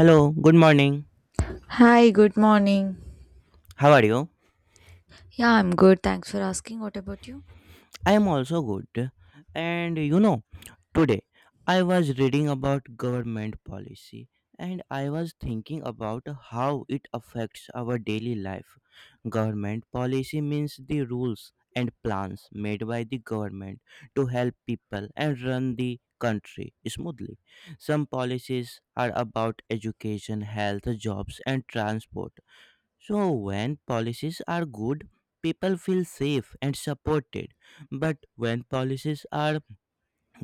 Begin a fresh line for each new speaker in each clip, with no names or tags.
Hello, good morning.
Hi, good morning.
How are you?
Yeah, I'm good. Thanks for asking. What about you?
I am also good. And you know, today I was reading about government policy and I was thinking about how it affects our daily life. Government policy means the rules and plans made by the government to help people and run the country smoothly. Some policies are about education, health, jobs, and transport. So, when policies are good, people feel safe and supported. But when policies are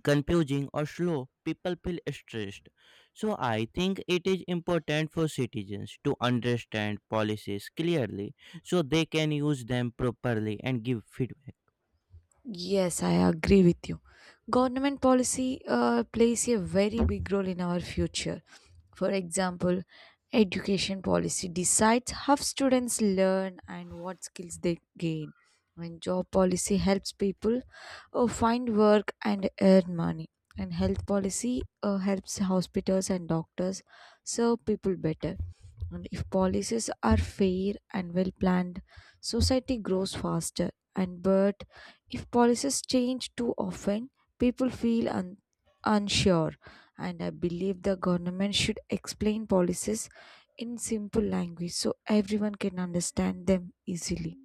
confusing or slow, people feel stressed. So, I think it is important for citizens to understand policies clearly so they can use them properly and give feedback.
Yes, I agree with you. Government policy plays a very big role in our future. For example, education policy decides how students learn and what skills they gain. And job policy helps people find work and earn money. And health policy helps hospitals and doctors serve people better. And if policies are fair and well planned, society grows faster. And but if policies change too often, people feel unsure, and I believe the government should explain policies in simple language so everyone can understand them easily.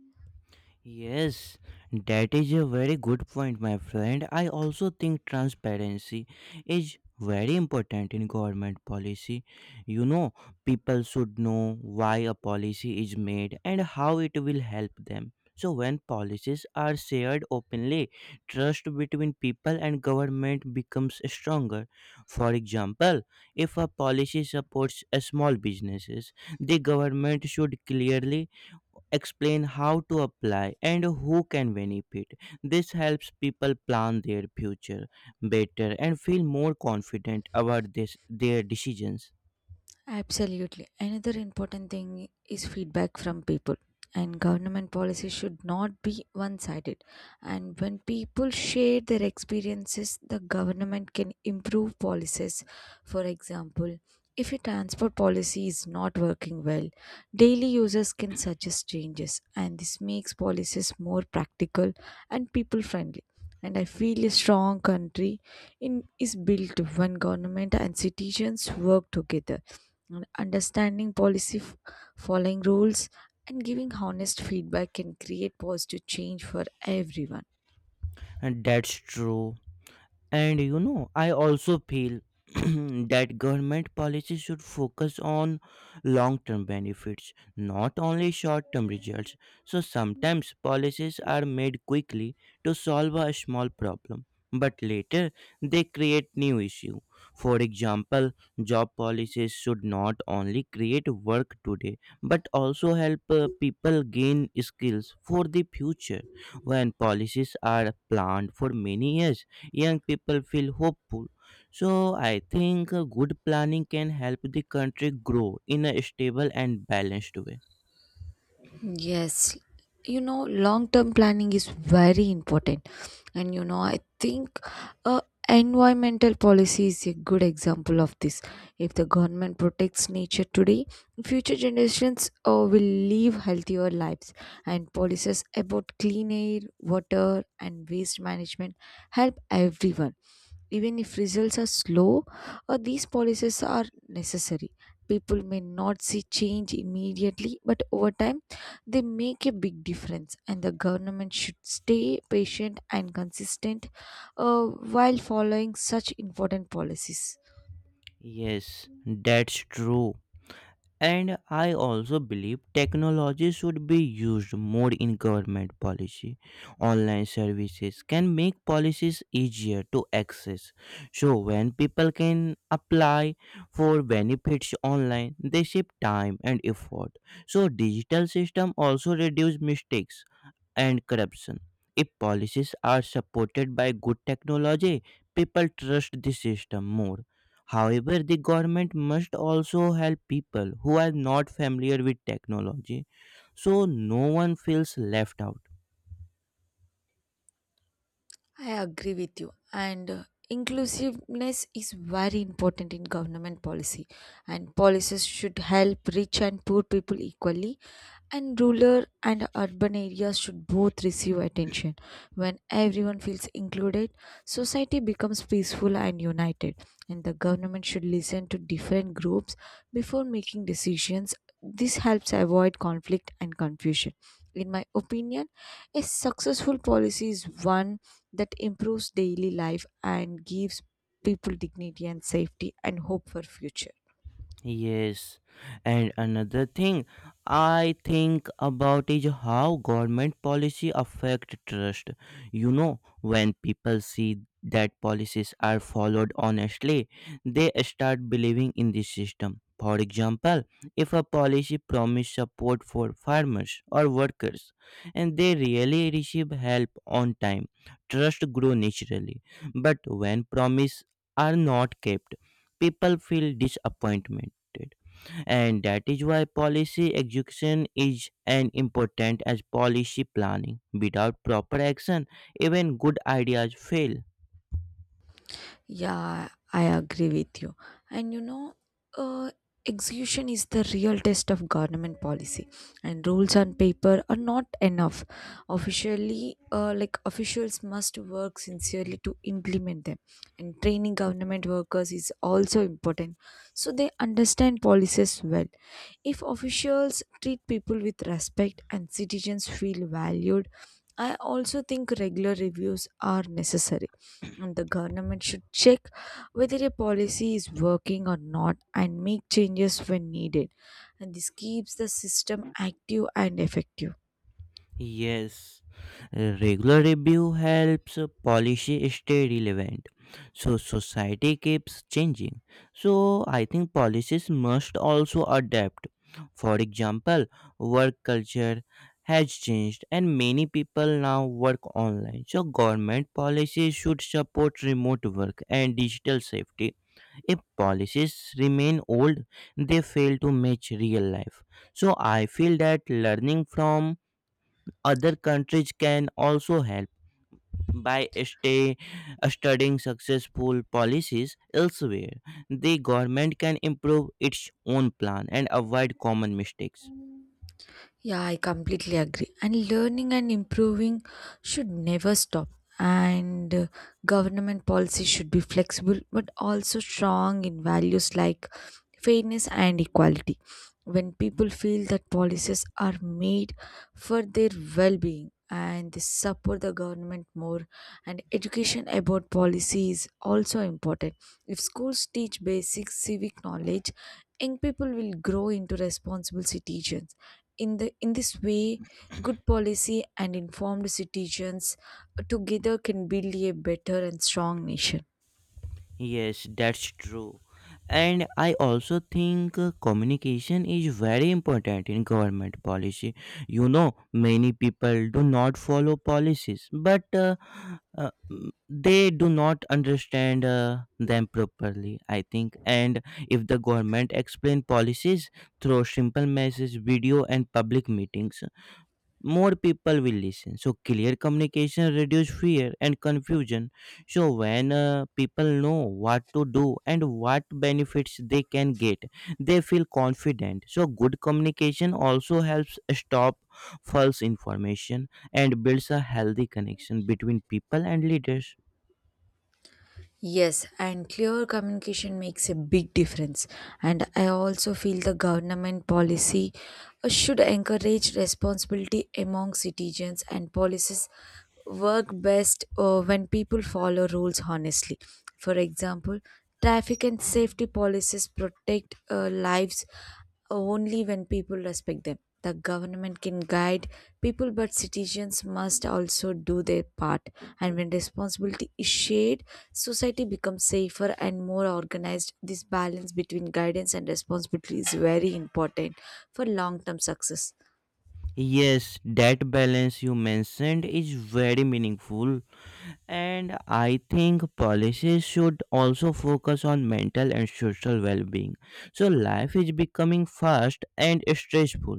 Yes, that is a very good point, my friend. I also think transparency is very important in government policy. You know, people should know why a policy is made and how it will help them. So, when policies are shared openly, trust between people and government becomes stronger. For example, if a policy supports a small businesses, the government should clearly explain how to apply and who can benefit. This helps people plan their future better and feel more confident about this, their decisions.
Absolutely. Another important thing is feedback from people. And government policy should not be one sided. And when people share their experiences, the government can improve policies. For example, if a transport policy is not working well, daily users can suggest changes, and this makes policies more practical and people friendly. And I feel a strong country is built when government and citizens work together. Understanding policy, following rules, and giving honest feedback can create positive change for everyone.
And that's true. And you know, I also feel that government policies should focus on long term benefits, not only short term results. So sometimes policies are made quickly to solve a small problem, but later they create new issue. For example, job policies should not only create work today, but also help people gain skills for the future. When policies are planned for many years, young people feel hopeful. So I think good planning can help the country grow in a stable and balanced way.
Yes, you know, long term planning is very important, and you know, I think uh, environmental policy is a good example of this. If the government protects nature today, future generations will live healthier lives, and policies about clean air, water, and waste management help everyone. Even if results are slow, these policies are necessary. People may not see change immediately, but over time, they make a big difference. And the government should stay patient and consistent uh, while following such important policies.
Yes, that's true. And I also believe technology should be used more in government policy. Online services can make policies easier to access. So, when people can apply for benefits online, they save time and effort. So, digital system also reduce mistakes and corruption. If policies are supported by good technology, people trust the system more. However, the government must also help people who are not familiar with technology so no one feels left out.
I agree with you. And inclusiveness is very important in government policy. And policies should help rich and poor people equally. And rural and urban areas should both receive attention. When everyone feels included, society becomes peaceful and united. And the government should listen to different groups before making decisions. This helps avoid conflict and confusion. In my opinion, a successful policy is one that improves daily life and gives people dignity and safety and hope for future.
Yes, and another thing I think about is how government policy affect trust. You know, when people see that policies are followed honestly, they start believing in the system. For example, if a policy promise support for farmers or workers and they really receive help on time, trust grow naturally. But when promise are not kept, people feel disappointment affected. And that is why policy execution is as important as policy planning. Without proper action, even good ideas fail.
Yeah, I agree with you. And you know, uh, execution is the real test of government policy, and rules on paper are not enough. Officially, like officials must work sincerely to implement them, and training government workers is also important, so they understand policies well. If officials treat people with respect and citizens feel valued, I also think regular reviews are necessary and the government should check whether a policy is working or not and make changes when needed. And this keeps the system active and effective.
Yes. Regular review helps policy stay relevant. So society keeps changing. So I think policies must also adapt. For example, work culture has changed and many people now work online. So government policies should support remote work and digital safety. If policies remain old, they fail to match real life. So I feel that learning from other countries can also help by studying successful policies elsewhere. The government can improve its own plan and avoid common mistakes.
Yeah, I completely agree. And learning and improving should never stop. And government policy should be flexible but also strong in values like fairness and equality. When people feel that policies are made for their well being and they support the government more, and education about policy is also important. If schools teach basic civic knowledge, young people will grow into responsible citizens in this way, good policy and informed citizens together can build a better and strong nation.
Yes, that's true. And I also think communication is very important in government policy. You know, many people do not follow policies, but they do not understand them properly, I think. And if the government explain policies through simple message, video, and public meetings, more people will listen. So clear communication reduce fear and confusion. So when people know what to do and what benefits they can get, they feel confident. So good communication also helps stop false information and builds a healthy connection between people and leaders.
Yes, and clear communication makes a big difference. And I also feel the government policy should encourage responsibility among citizens, and policies work best when people follow rules honestly. For example, traffic and safety policies protect lives only when people respect them. The government can guide people, but citizens must also do their part. And when responsibility is shared, society becomes safer and more organized. This balance between guidance and responsibility is very important for long term success.
Yes, that balance you mentioned is very meaningful. And I think policies should also focus on mental and social well being. So life is becoming fast and stressful.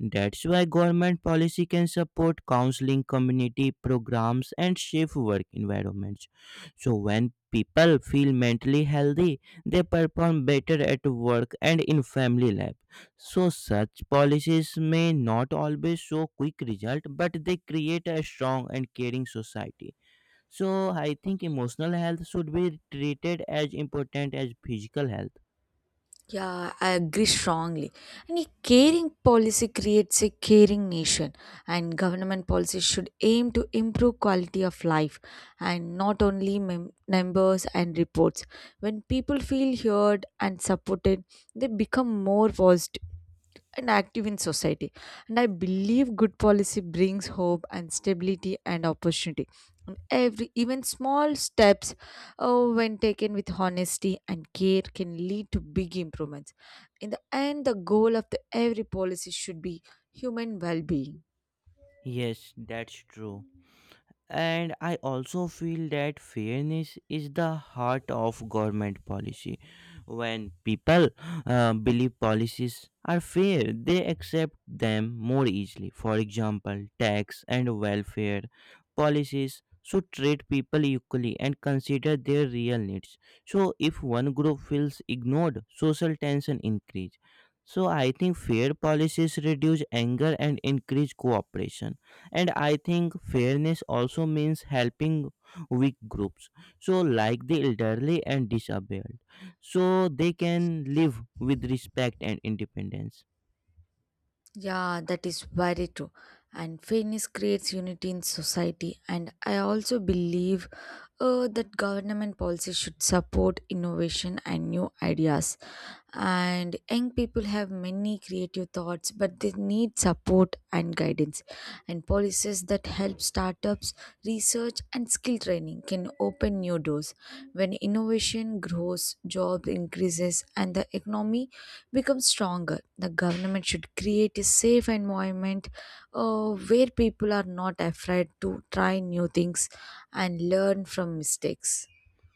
That's why government policy can support counseling, community programs, and safe work environments. So when people feel mentally healthy, they perform better at work and in family life. So such policies may not always show quick result, but they create a strong and caring society. So I think emotional health should be treated as important as physical health.
Yeah, I agree strongly. And a caring policy creates a caring nation, and government policies should aim to improve quality of life and not only numbers and reports. When people feel heard and supported, they become more positive and active in society. And I believe good policy brings hope and stability and opportunity. And every even small steps, oh, when taken with honesty and care, can lead to big improvements. In the end, the goal of the every policy should be human well-being.
Yes, that's true. And I also feel that fairness is the heart of government policy. When people believe policies are fair, they accept them more easily. For example, tax and welfare policies should treat people equally and consider their real needs. So if one group feels ignored, social tension increase. So I think fair policies reduce anger and increase cooperation. And I think fairness also means helping weak groups, so like the elderly and disabled, so they can live with respect and independence.
Yeah, that is very true. And fairness creates unity in society. And I also believe that government policy should support innovation and new ideas, and young people have many creative thoughts but they need support and guidance, and policies that help startups, research, and skill training can open new doors. When innovation grows, jobs increases and the economy becomes stronger. The government should create a safe environment where people are not afraid to try new things and learn from mistakes.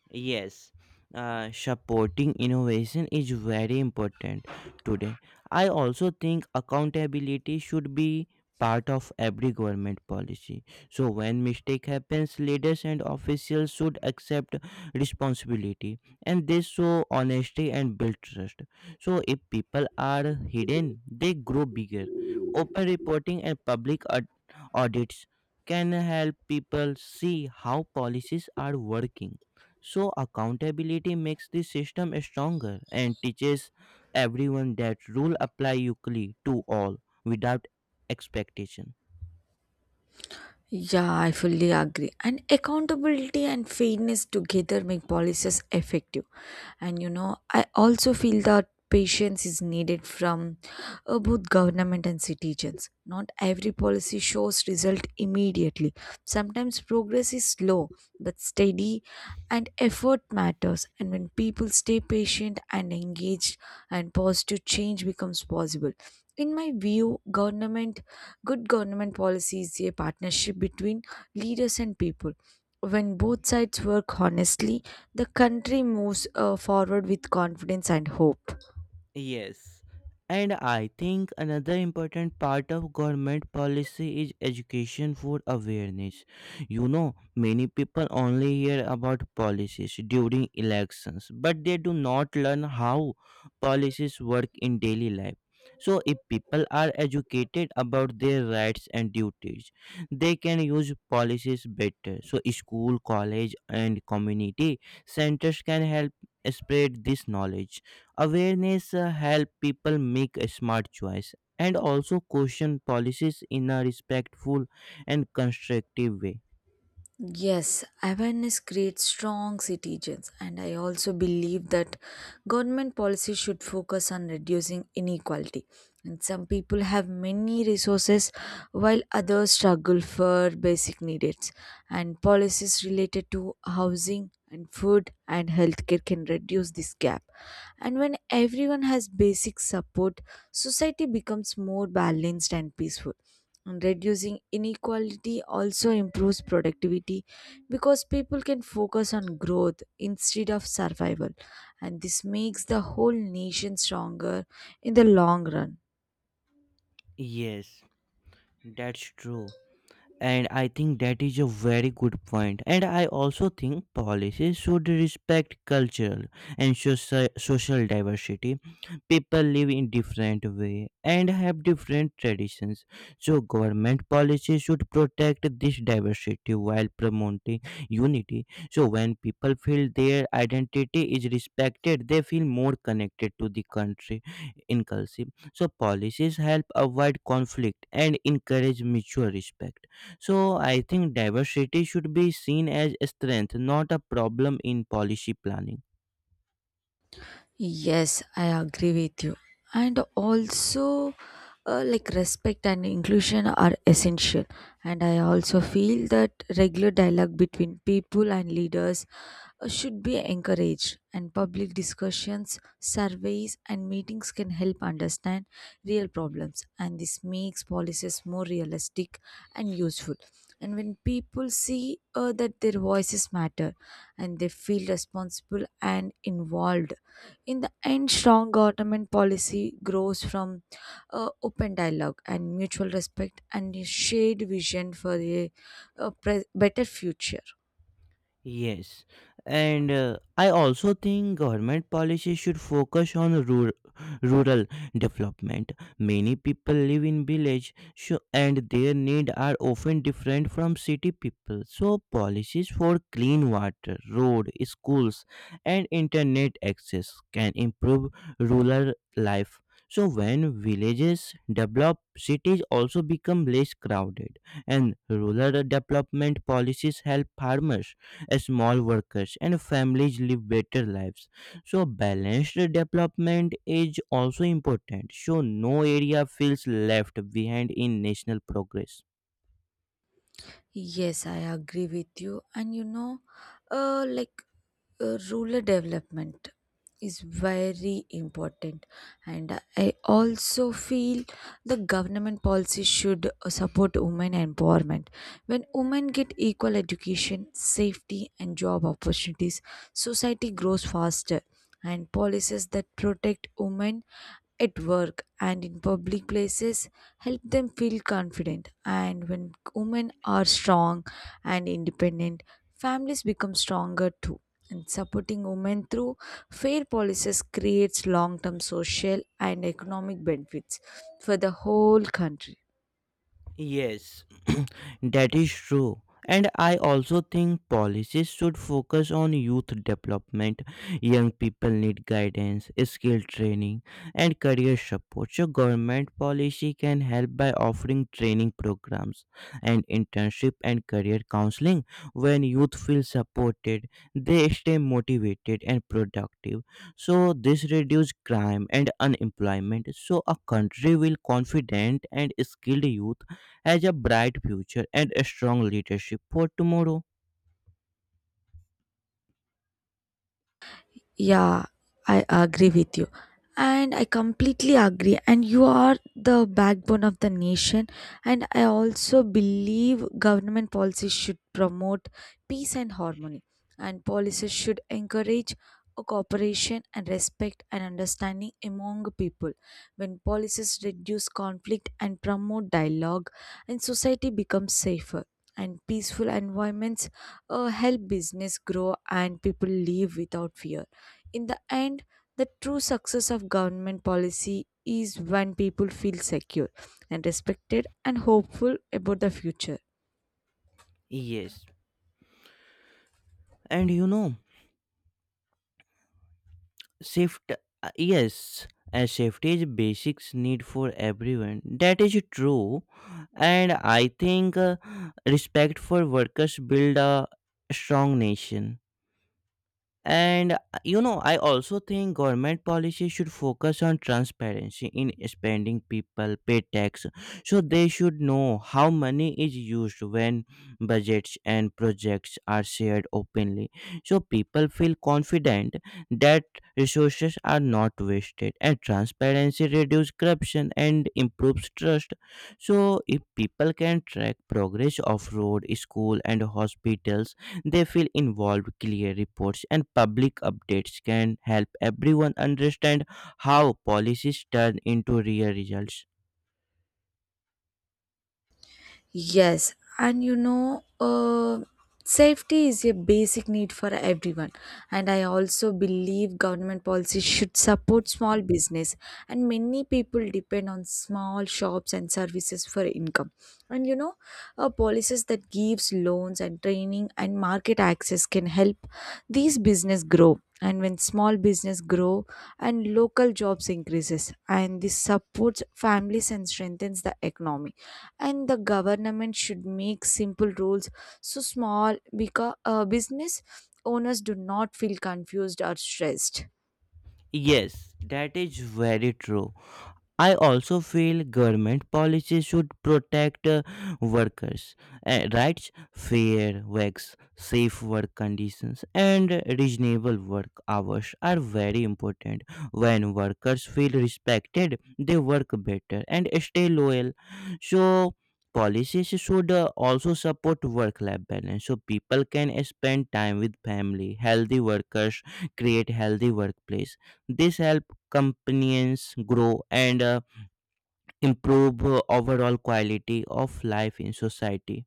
Yes, supporting innovation is very important today. I also think accountability should be part of every government policy. So when mistake happens, leaders and officials should accept responsibility and they show honesty and build trust. So if people are hidden, they grow bigger. Open reporting and public audits can help people see how policies are working. So, accountability makes the system stronger and teaches everyone that rules apply equally to all without expectation.
Yeah, I fully agree. And accountability and fairness together make policies effective. And you know, I also feel that patience is needed from both government and citizens. Not every policy shows result immediately. Sometimes progress is slow but steady, and effort matters, and when people stay patient and engaged and positive, change becomes possible. In my view, government good government policy is a partnership between leaders and people. When both sides work honestly, the country moves forward with confidence and hope.
Yes. And I think another important part of government policy is education for awareness. You know, many people only hear about policies during elections, but they do not learn how policies work in daily life. So, if people are educated about their rights and duties, they can use policies better. So, school, college, and community centers can help spread this knowledge. Awareness help people make a smart choice and also question policies in a respectful and constructive way.
Yes, awareness creates strong citizens, and I also believe that government policy should focus on reducing inequality. And some people have many resources while others struggle for basic needs. And policies related to housing and food and healthcare can reduce this gap. And when everyone has basic support, society becomes more balanced and peaceful. And reducing inequality also improves productivity because people can focus on growth instead of survival, and this makes the whole nation stronger in the long run.
Yes, that's true. And I think that is a very good point. And I also think policies should respect cultural and social diversity. People live in different way and have different traditions, so government policies should protect this diversity while promoting unity. So when people feel their identity is respected, they feel more connected to the country. Inclusive, so policies help avoid conflict and encourage mutual respect. So I think diversity should be seen as a strength, not a problem in policy planning.
Yes, I agree with you. And also, like respect and inclusion are essential. And I also feel that regular dialogue between people and leaders should be encouraged. And public discussions, surveys, and meetings can help understand real problems. And this makes policies more realistic and useful. And when people see that their voices matter and they feel responsible and involved, in the end, strong government policy grows from open dialogue and mutual respect and a shared vision for better future.
Yes, and I also think government policy should focus on rural development. Many people live in village, so, and their need are often different from city people. So policies for clean water, road, schools, and internet access can improve rural life. So when villages develop, cities also become less crowded, and rural development policies help farmers, small workers, and families live better lives. So, balanced development is also important, so no area feels left behind in national progress.
Yes, I agree with you. And you know, like rural development is very important. And I also feel the government policy should support women empowerment. When women get equal education, safety, and job opportunities, society grows faster, and policies that protect women at work and in public places help them feel confident. And when women are strong and independent, families become stronger too, and supporting women through fair policies creates long-term social and economic benefits for the whole country.
Yes, that is true. And I also think policies should focus on youth development. Young people need guidance, skill training, and career support. So, government policy can help by offering training programs and internship and career counseling. When youth feel supported, they stay motivated and productive. So, this reduces crime and unemployment. So, a country will confident and skilled youth as a bright future and a strong leadership for tomorrow.
Yeah, I agree with you. And I completely agree. And you are the backbone of the nation. And I also believe government policies should promote peace and harmony. And policies should encourage a cooperation and respect and understanding among people. When policies reduce conflict and promote dialogue, and society becomes safer. And peaceful environments help business grow and people live without fear. In the end, the true success of government policy is when people feel secure and respected and hopeful about the future.
Yes, and you know, safety. Yes, and safety is basics need for everyone. That is true, and I think respect for workers build a strong nation. And you know, I also think government policy should focus on transparency in spending. People pay tax, so they should know how money is used when budgets and projects are shared openly. So people feel confident that resources are not wasted, and transparency reduces corruption and improves trust. So if people can track progress of road, school, and hospitals, they feel involved. Clear reports and public updates can help everyone understand how policies turn into real results.
Yes, and you know, safety is a basic need for everyone. And I also believe government policy should support small business. And many people depend on small shops and services for income. And you know, policies that gives loans and training and market access can help these business grow. And when small business grow and local jobs increases, and this supports families and strengthens the economy, and the government should make simple rules so small because business owners do not feel confused or stressed.
Yes, that is very true. I also feel government policies should protect workers' rights. Fair wages, safe work conditions, and reasonable work hours are very important. When workers feel respected, they work better and stay loyal. So, policies should also support work life balance so people can spend time with family. Healthy workers create healthy workplace. This helps companions grow and improve overall quality of life in society.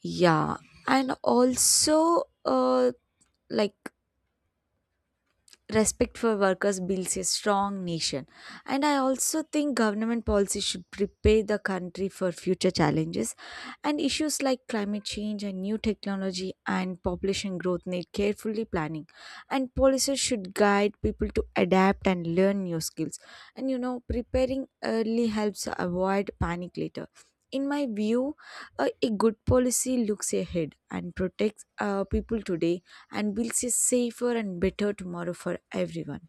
Yeah, and also like respect for workers builds a strong nation. And I also think government policy should prepare the country for future challenges, and issues like climate change and new technology and population growth need carefully planning. And policies should guide people to adapt and learn new skills, and you know, preparing early helps avoid panic later. In my view, a good policy looks ahead and protects people today and builds a safer and better tomorrow for everyone.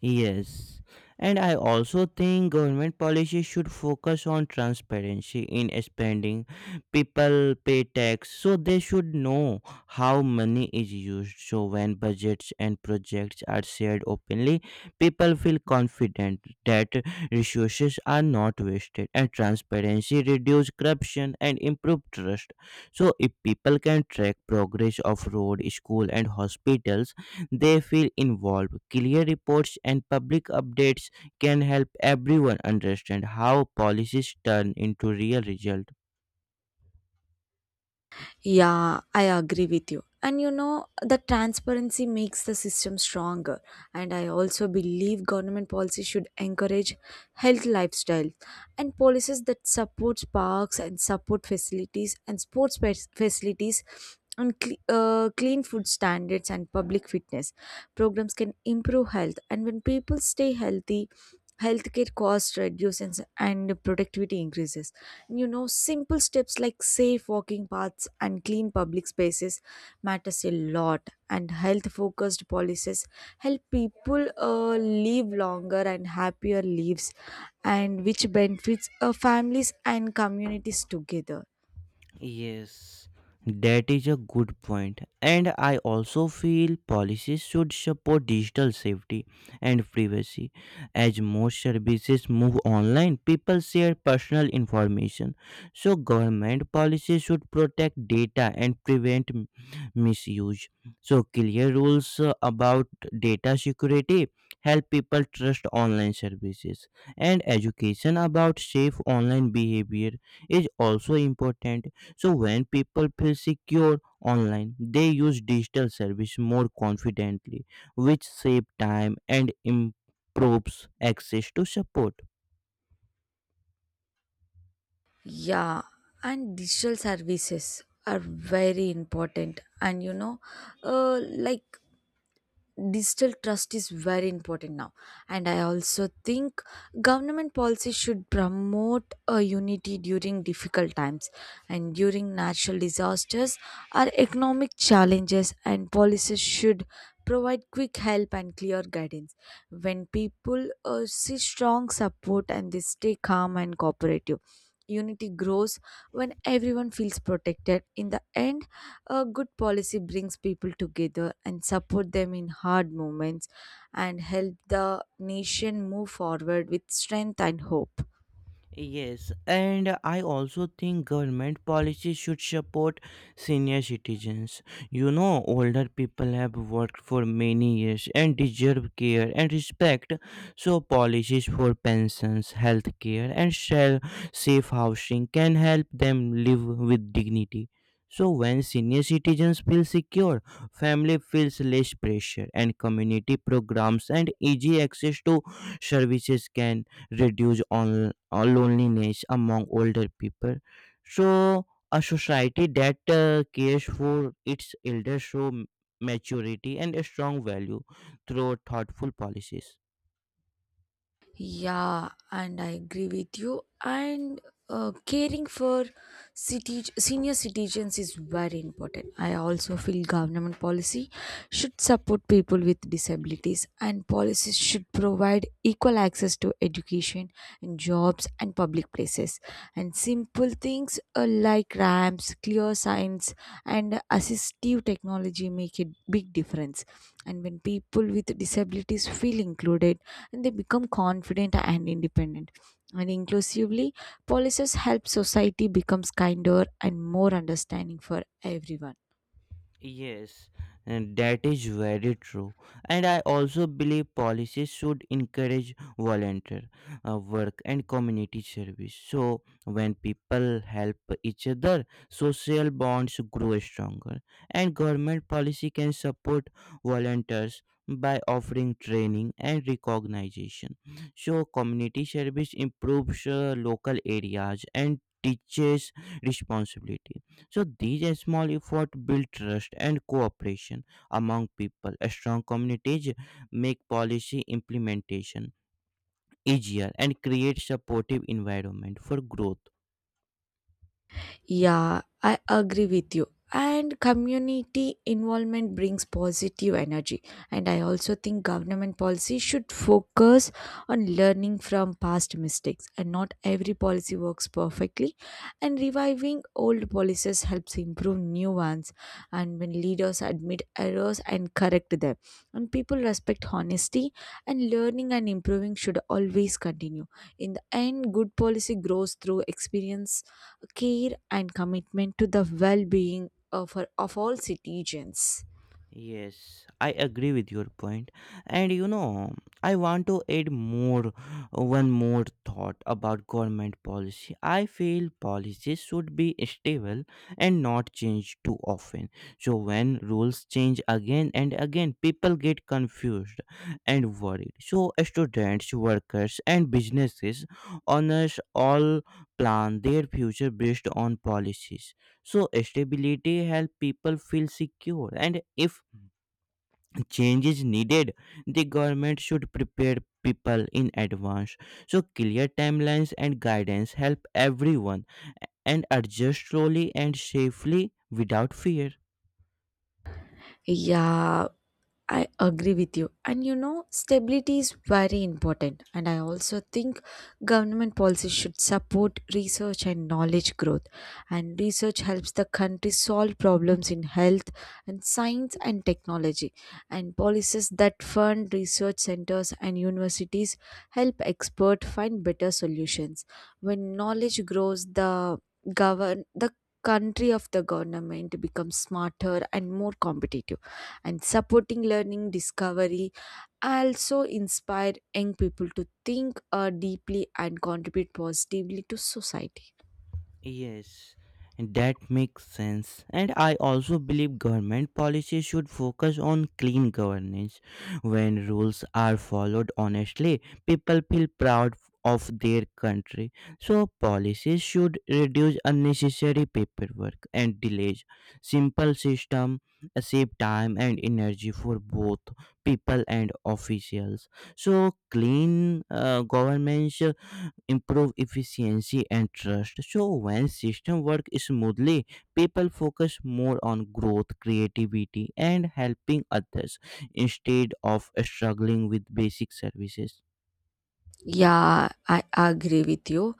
Yes. And I also think government policies should focus on transparency in spending. People pay tax, so they should know how money is used. So when budgets and projects are shared openly, people feel confident that resources are not wasted and transparency reduce corruption and improve trust. So if people can track progress of road, school and hospitals, they feel involved. Clear reports and public updates can help everyone understand how policies turn into real results.
Yeah, I agree with you. And you know, the transparency makes the system stronger. And I also believe government policy should encourage health lifestyle and policies that supports parks and support facilities and facilities and clean food standards and public fitness programs can improve health. And when people stay healthy, healthcare costs reduce and productivity increases. Simple steps like safe walking paths and clean public spaces matters a lot, and health focused policies help people live longer and happier lives, and which benefits families and communities together.
Yes, that is a good point. And I also feel policies should support digital safety and privacy. As most services move online, people share personal information. So, government policies should protect data and prevent misuse. So, clear rules about data security help people trust online services. And education about safe online behavior is also important. So when people feel secure online, they use digital service more confidently, which save time and improves access to support.
Yeah, and digital services are very important. And uh, like digital trust is very important now. And I also think government policy should promote a unity during difficult times and during natural disasters or economic challenges. And policies should provide quick help and clear guidance. When people see strong support, and they stay calm and cooperative, unity grows when everyone feels protected. In the end, a good policy brings people together and support them in hard moments and help the nation move forward with strength and hope.
Yes, and I also think government policies should support senior citizens. You know, older people have worked for many years and deserve care and respect. So, policies for pensions, health care, and safe housing can help them live with dignity. So, when senior citizens feel secure, family feels less pressure, and community programs and easy access to services can reduce on loneliness among older people. So, a society that cares for its elders show maturity and a strong value through thoughtful policies.
Yeah, and I agree with you. And caring for city senior citizens is very important. I also feel government policy should support people with disabilities, and policies should provide equal access to education and jobs and public places. And simple things like ramps, clear signs, and assistive technology make a big difference. And when people with disabilities feel included, and they become confident and independent. And inclusively, policies help society becomes kinder and more understanding for everyone.
Yes, and that is very true. And I also believe policies should encourage volunteer work and community service. So, when people help each other, social bonds grow stronger. And government policy can support volunteers by offering training and recognition. So, community service improves local areas and teaches responsibility, so these small efforts build trust and cooperation among people. Strong communities make policy implementation easier and create supportive environment for growth.
Yeah, I agree with you. And community involvement brings positive energy. And I also think government policy should focus on learning from past mistakes. And not every policy works perfectly. And reviving old policies helps improve new ones. And when leaders admit errors and correct them, and people respect honesty, and learning and improving should always continue. In the end, good policy grows through experience, care, and commitment to the well-being of, of all citizens.
Yes, I agree with your point. And you know, I want to add more one more thought about government policy. I feel policies should be stable and not change too often. So when rules change again and again, people get confused and worried. So students, workers and businesses owners all plan their future based on policies. So stability help people feel secure, and if change is needed, the government should prepare people in advance, so clear timelines and guidance help everyone and adjust slowly and safely without fear.
Yeah, I agree with you. And you know, stability is very important. And I also think government policies should support research and knowledge growth. And research helps the country solve problems in health and science and technology. And policies that fund research centers and universities help experts find better solutions. When knowledge grows, the govern the country of the government becomes smarter and more competitive. And supporting learning discovery, I also inspire young people to think deeply and contribute positively to society.
Yes, and that makes sense. And I also believe government policies should focus on clean governance. When rules are followed honestly, people feel proud of their country. So policies should reduce unnecessary paperwork and delays. Simple system save time and energy for both people and officials. So clean governments improve efficiency and trust. So when system work smoothly, people focus more on growth, creativity and helping others instead of struggling with basic services.
Yeah, I agree with you.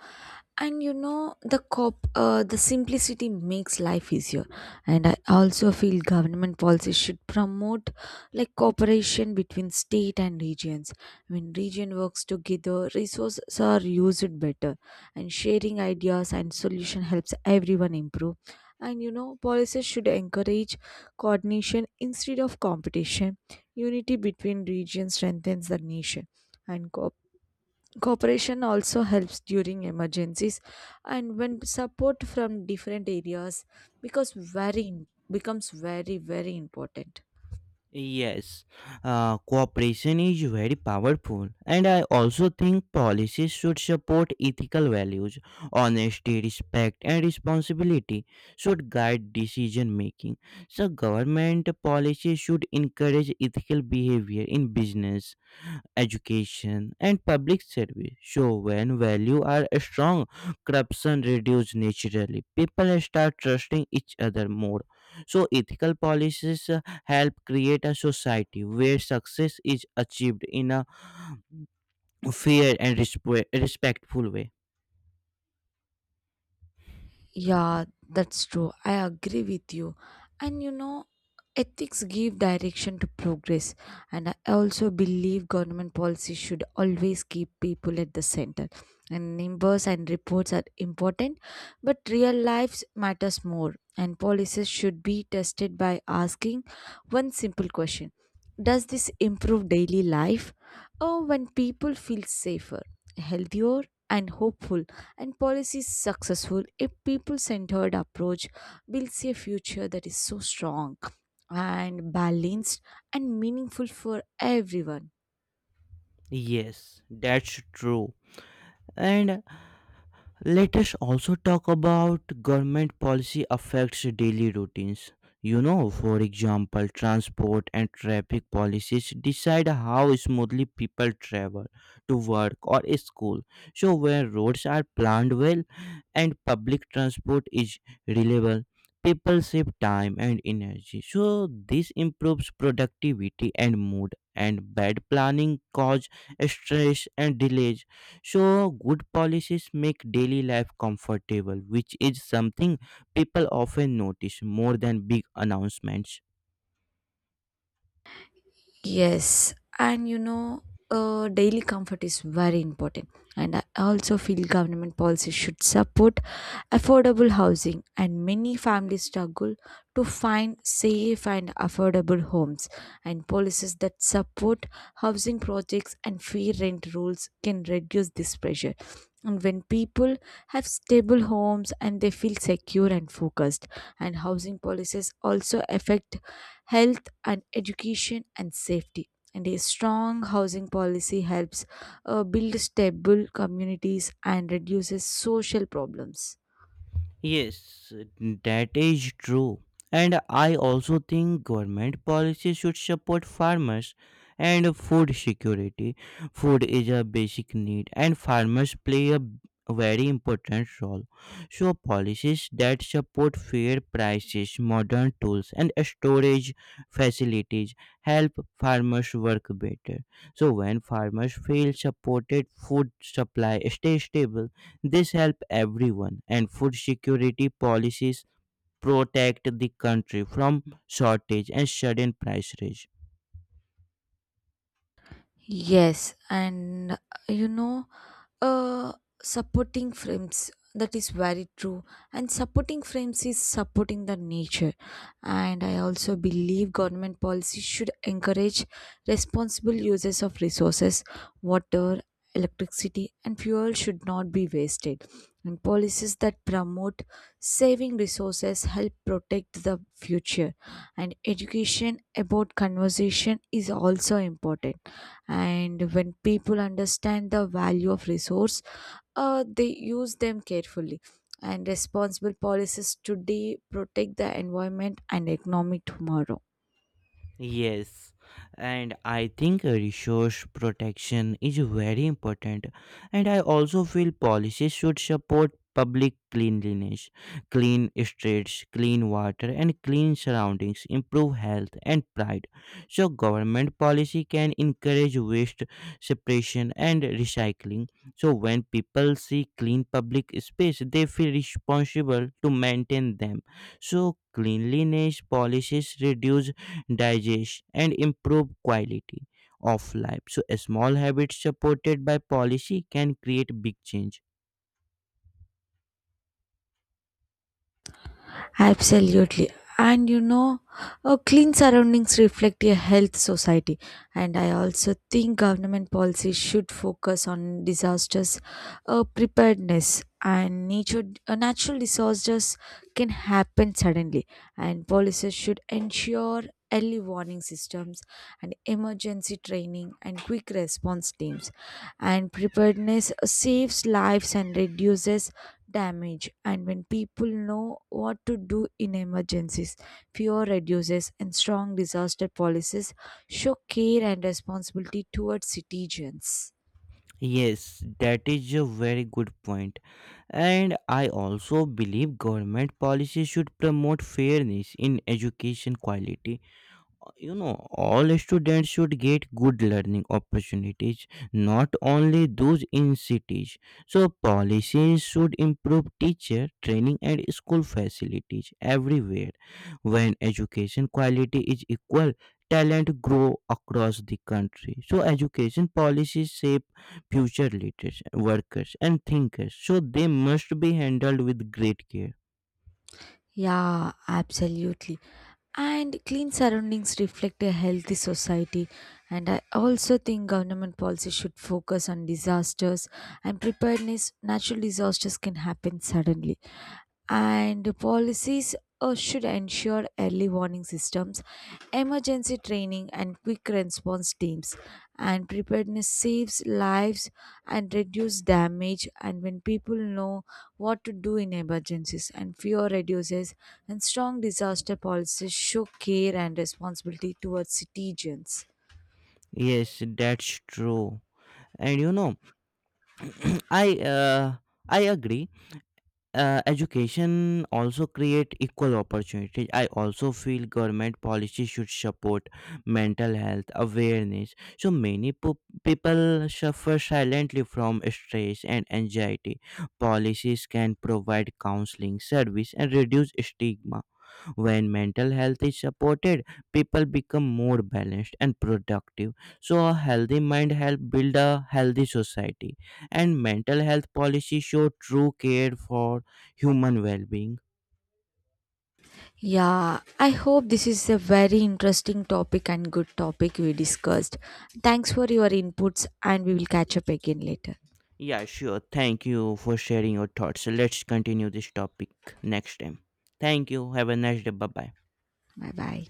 And you know, the simplicity makes life easier. And I also feel government policies should promote like cooperation between state and regions. When region works together, resources are used better, and sharing ideas and solution helps everyone improve. And you know, policies should encourage coordination instead of competition. Unity between regions strengthens the nation. And cooperation Cooperation also helps during emergencies and when support from different areas because very becomes very important.
Yes, cooperation is very powerful, and I also think policies should support ethical values. Honesty, respect, and responsibility should guide decision making. So, government policies should encourage ethical behavior in business, education and public service, so when value are strong, corruption reduce naturally, people start trusting each other more. So ethical policies help create a society where success is achieved in a fair and respectful way.
Yeah, that's true. I agree with you. And you know, ethics give direction to progress. And I also believe government policy should always keep people at the center. And numbers and reports are important, but real lives matters more. And policies should be tested by asking one simple question. Does this improve daily life? Or when people feel safer, healthier, and hopeful? And policies successful a people-centered approach builds a future that is so strong and balanced and meaningful for everyone.
Yes, that's true. And let us also talk about government policy affects daily routines. You know, for example, transport and traffic policies decide how smoothly people travel to work or school. So, when roads are planned well and public transport is reliable, people save time and energy. So, this improves productivity and mood, and bad planning causes stress and delays. So, good policies make daily life comfortable, which is something people often notice more than big announcements.
Yes, and you know, daily comfort is very important. And I also feel government policies should support affordable housing, and many families struggle to find safe and affordable homes. And policies that support housing projects and free rent rules can reduce this pressure. And when people have stable homes, and they feel secure and focused, and housing policies also affect health and education and safety. And a strong housing policy helps build stable communities and reduces social problems.
Yes, that is true. And I also think government policy should support farmers and food security. Food is a basic need, and farmers play a very important role. So, policies that support fair prices, modern tools, and storage facilities help farmers work better. So, when farmers feel supported, food supply stays stable, this helps everyone, and food security policies protect the country from shortage and sudden price rise.
Yes, and you know, uh, supporting frames, that is very true, and supporting frames is supporting the nature. And I also believe government policy should encourage responsible uses of resources. Water, electricity, and fuel should not be wasted. And policies that promote saving resources help protect the future. And education about conservation is also important. And when people understand the value of resource, they use them carefully, and responsible policies today protect the environment and economy tomorrow.
Yes, and I think resource protection is very important. And I also feel policies should support public cleanliness, clean streets, clean water, and clean surroundings, improve health and pride. So, government policy can encourage waste separation and recycling. So, when people see clean public space, they feel responsible to maintain them. So, cleanliness policies reduce digest, and improve quality of life. So, small habits supported by policy can create big change.
Absolutely. And you know, clean surroundings reflect a health society. And I also think government policy should focus on disasters preparedness. And nature natural disasters can happen suddenly. And policies should ensure early warning systems and emergency training and quick response teams. And preparedness saves lives and reduces damage. And when people know what to do in emergencies, fear reduces, and strong disaster policies show care and responsibility towards citizens.
Yes, that is a very good point. And I also believe government policy should promote fairness in education quality. You know, all students should get good learning opportunities, not only those in cities. So policies should improve teacher training and school facilities everywhere. When education quality is equal, talent grow across the country. So education policies shape future leaders, workers and thinkers, so they must be handled with great care.
Yeah, absolutely. And clean surroundings reflect a healthy society. And I also think government policy should focus on disasters and preparedness. Natural disasters can happen suddenly. And policies should ensure early warning systems, emergency training, and quick response teams. And preparedness saves lives and reduces damage. And when people know what to do in emergencies, and fear reduces, and strong disaster policies show care and responsibility towards citizens.
Yes, that's true. And you know, I uh, I agree. Education also create equal opportunities. I also feel government policy should support mental health awareness. So many people suffer silently from stress and anxiety. Policies can provide counseling service and reduce stigma. When mental health is supported, people become more balanced and productive. So, a healthy mind helps build a healthy society, and mental health policies show true care for human well being.
Yeah, I hope this is a very interesting topic and good topic we discussed. Thanks for your inputs, and we will catch up again later.
Yeah, sure. Thank you for sharing your thoughts. So, let's continue this topic next time. Thank you. Have a nice day. Bye bye.
Bye bye.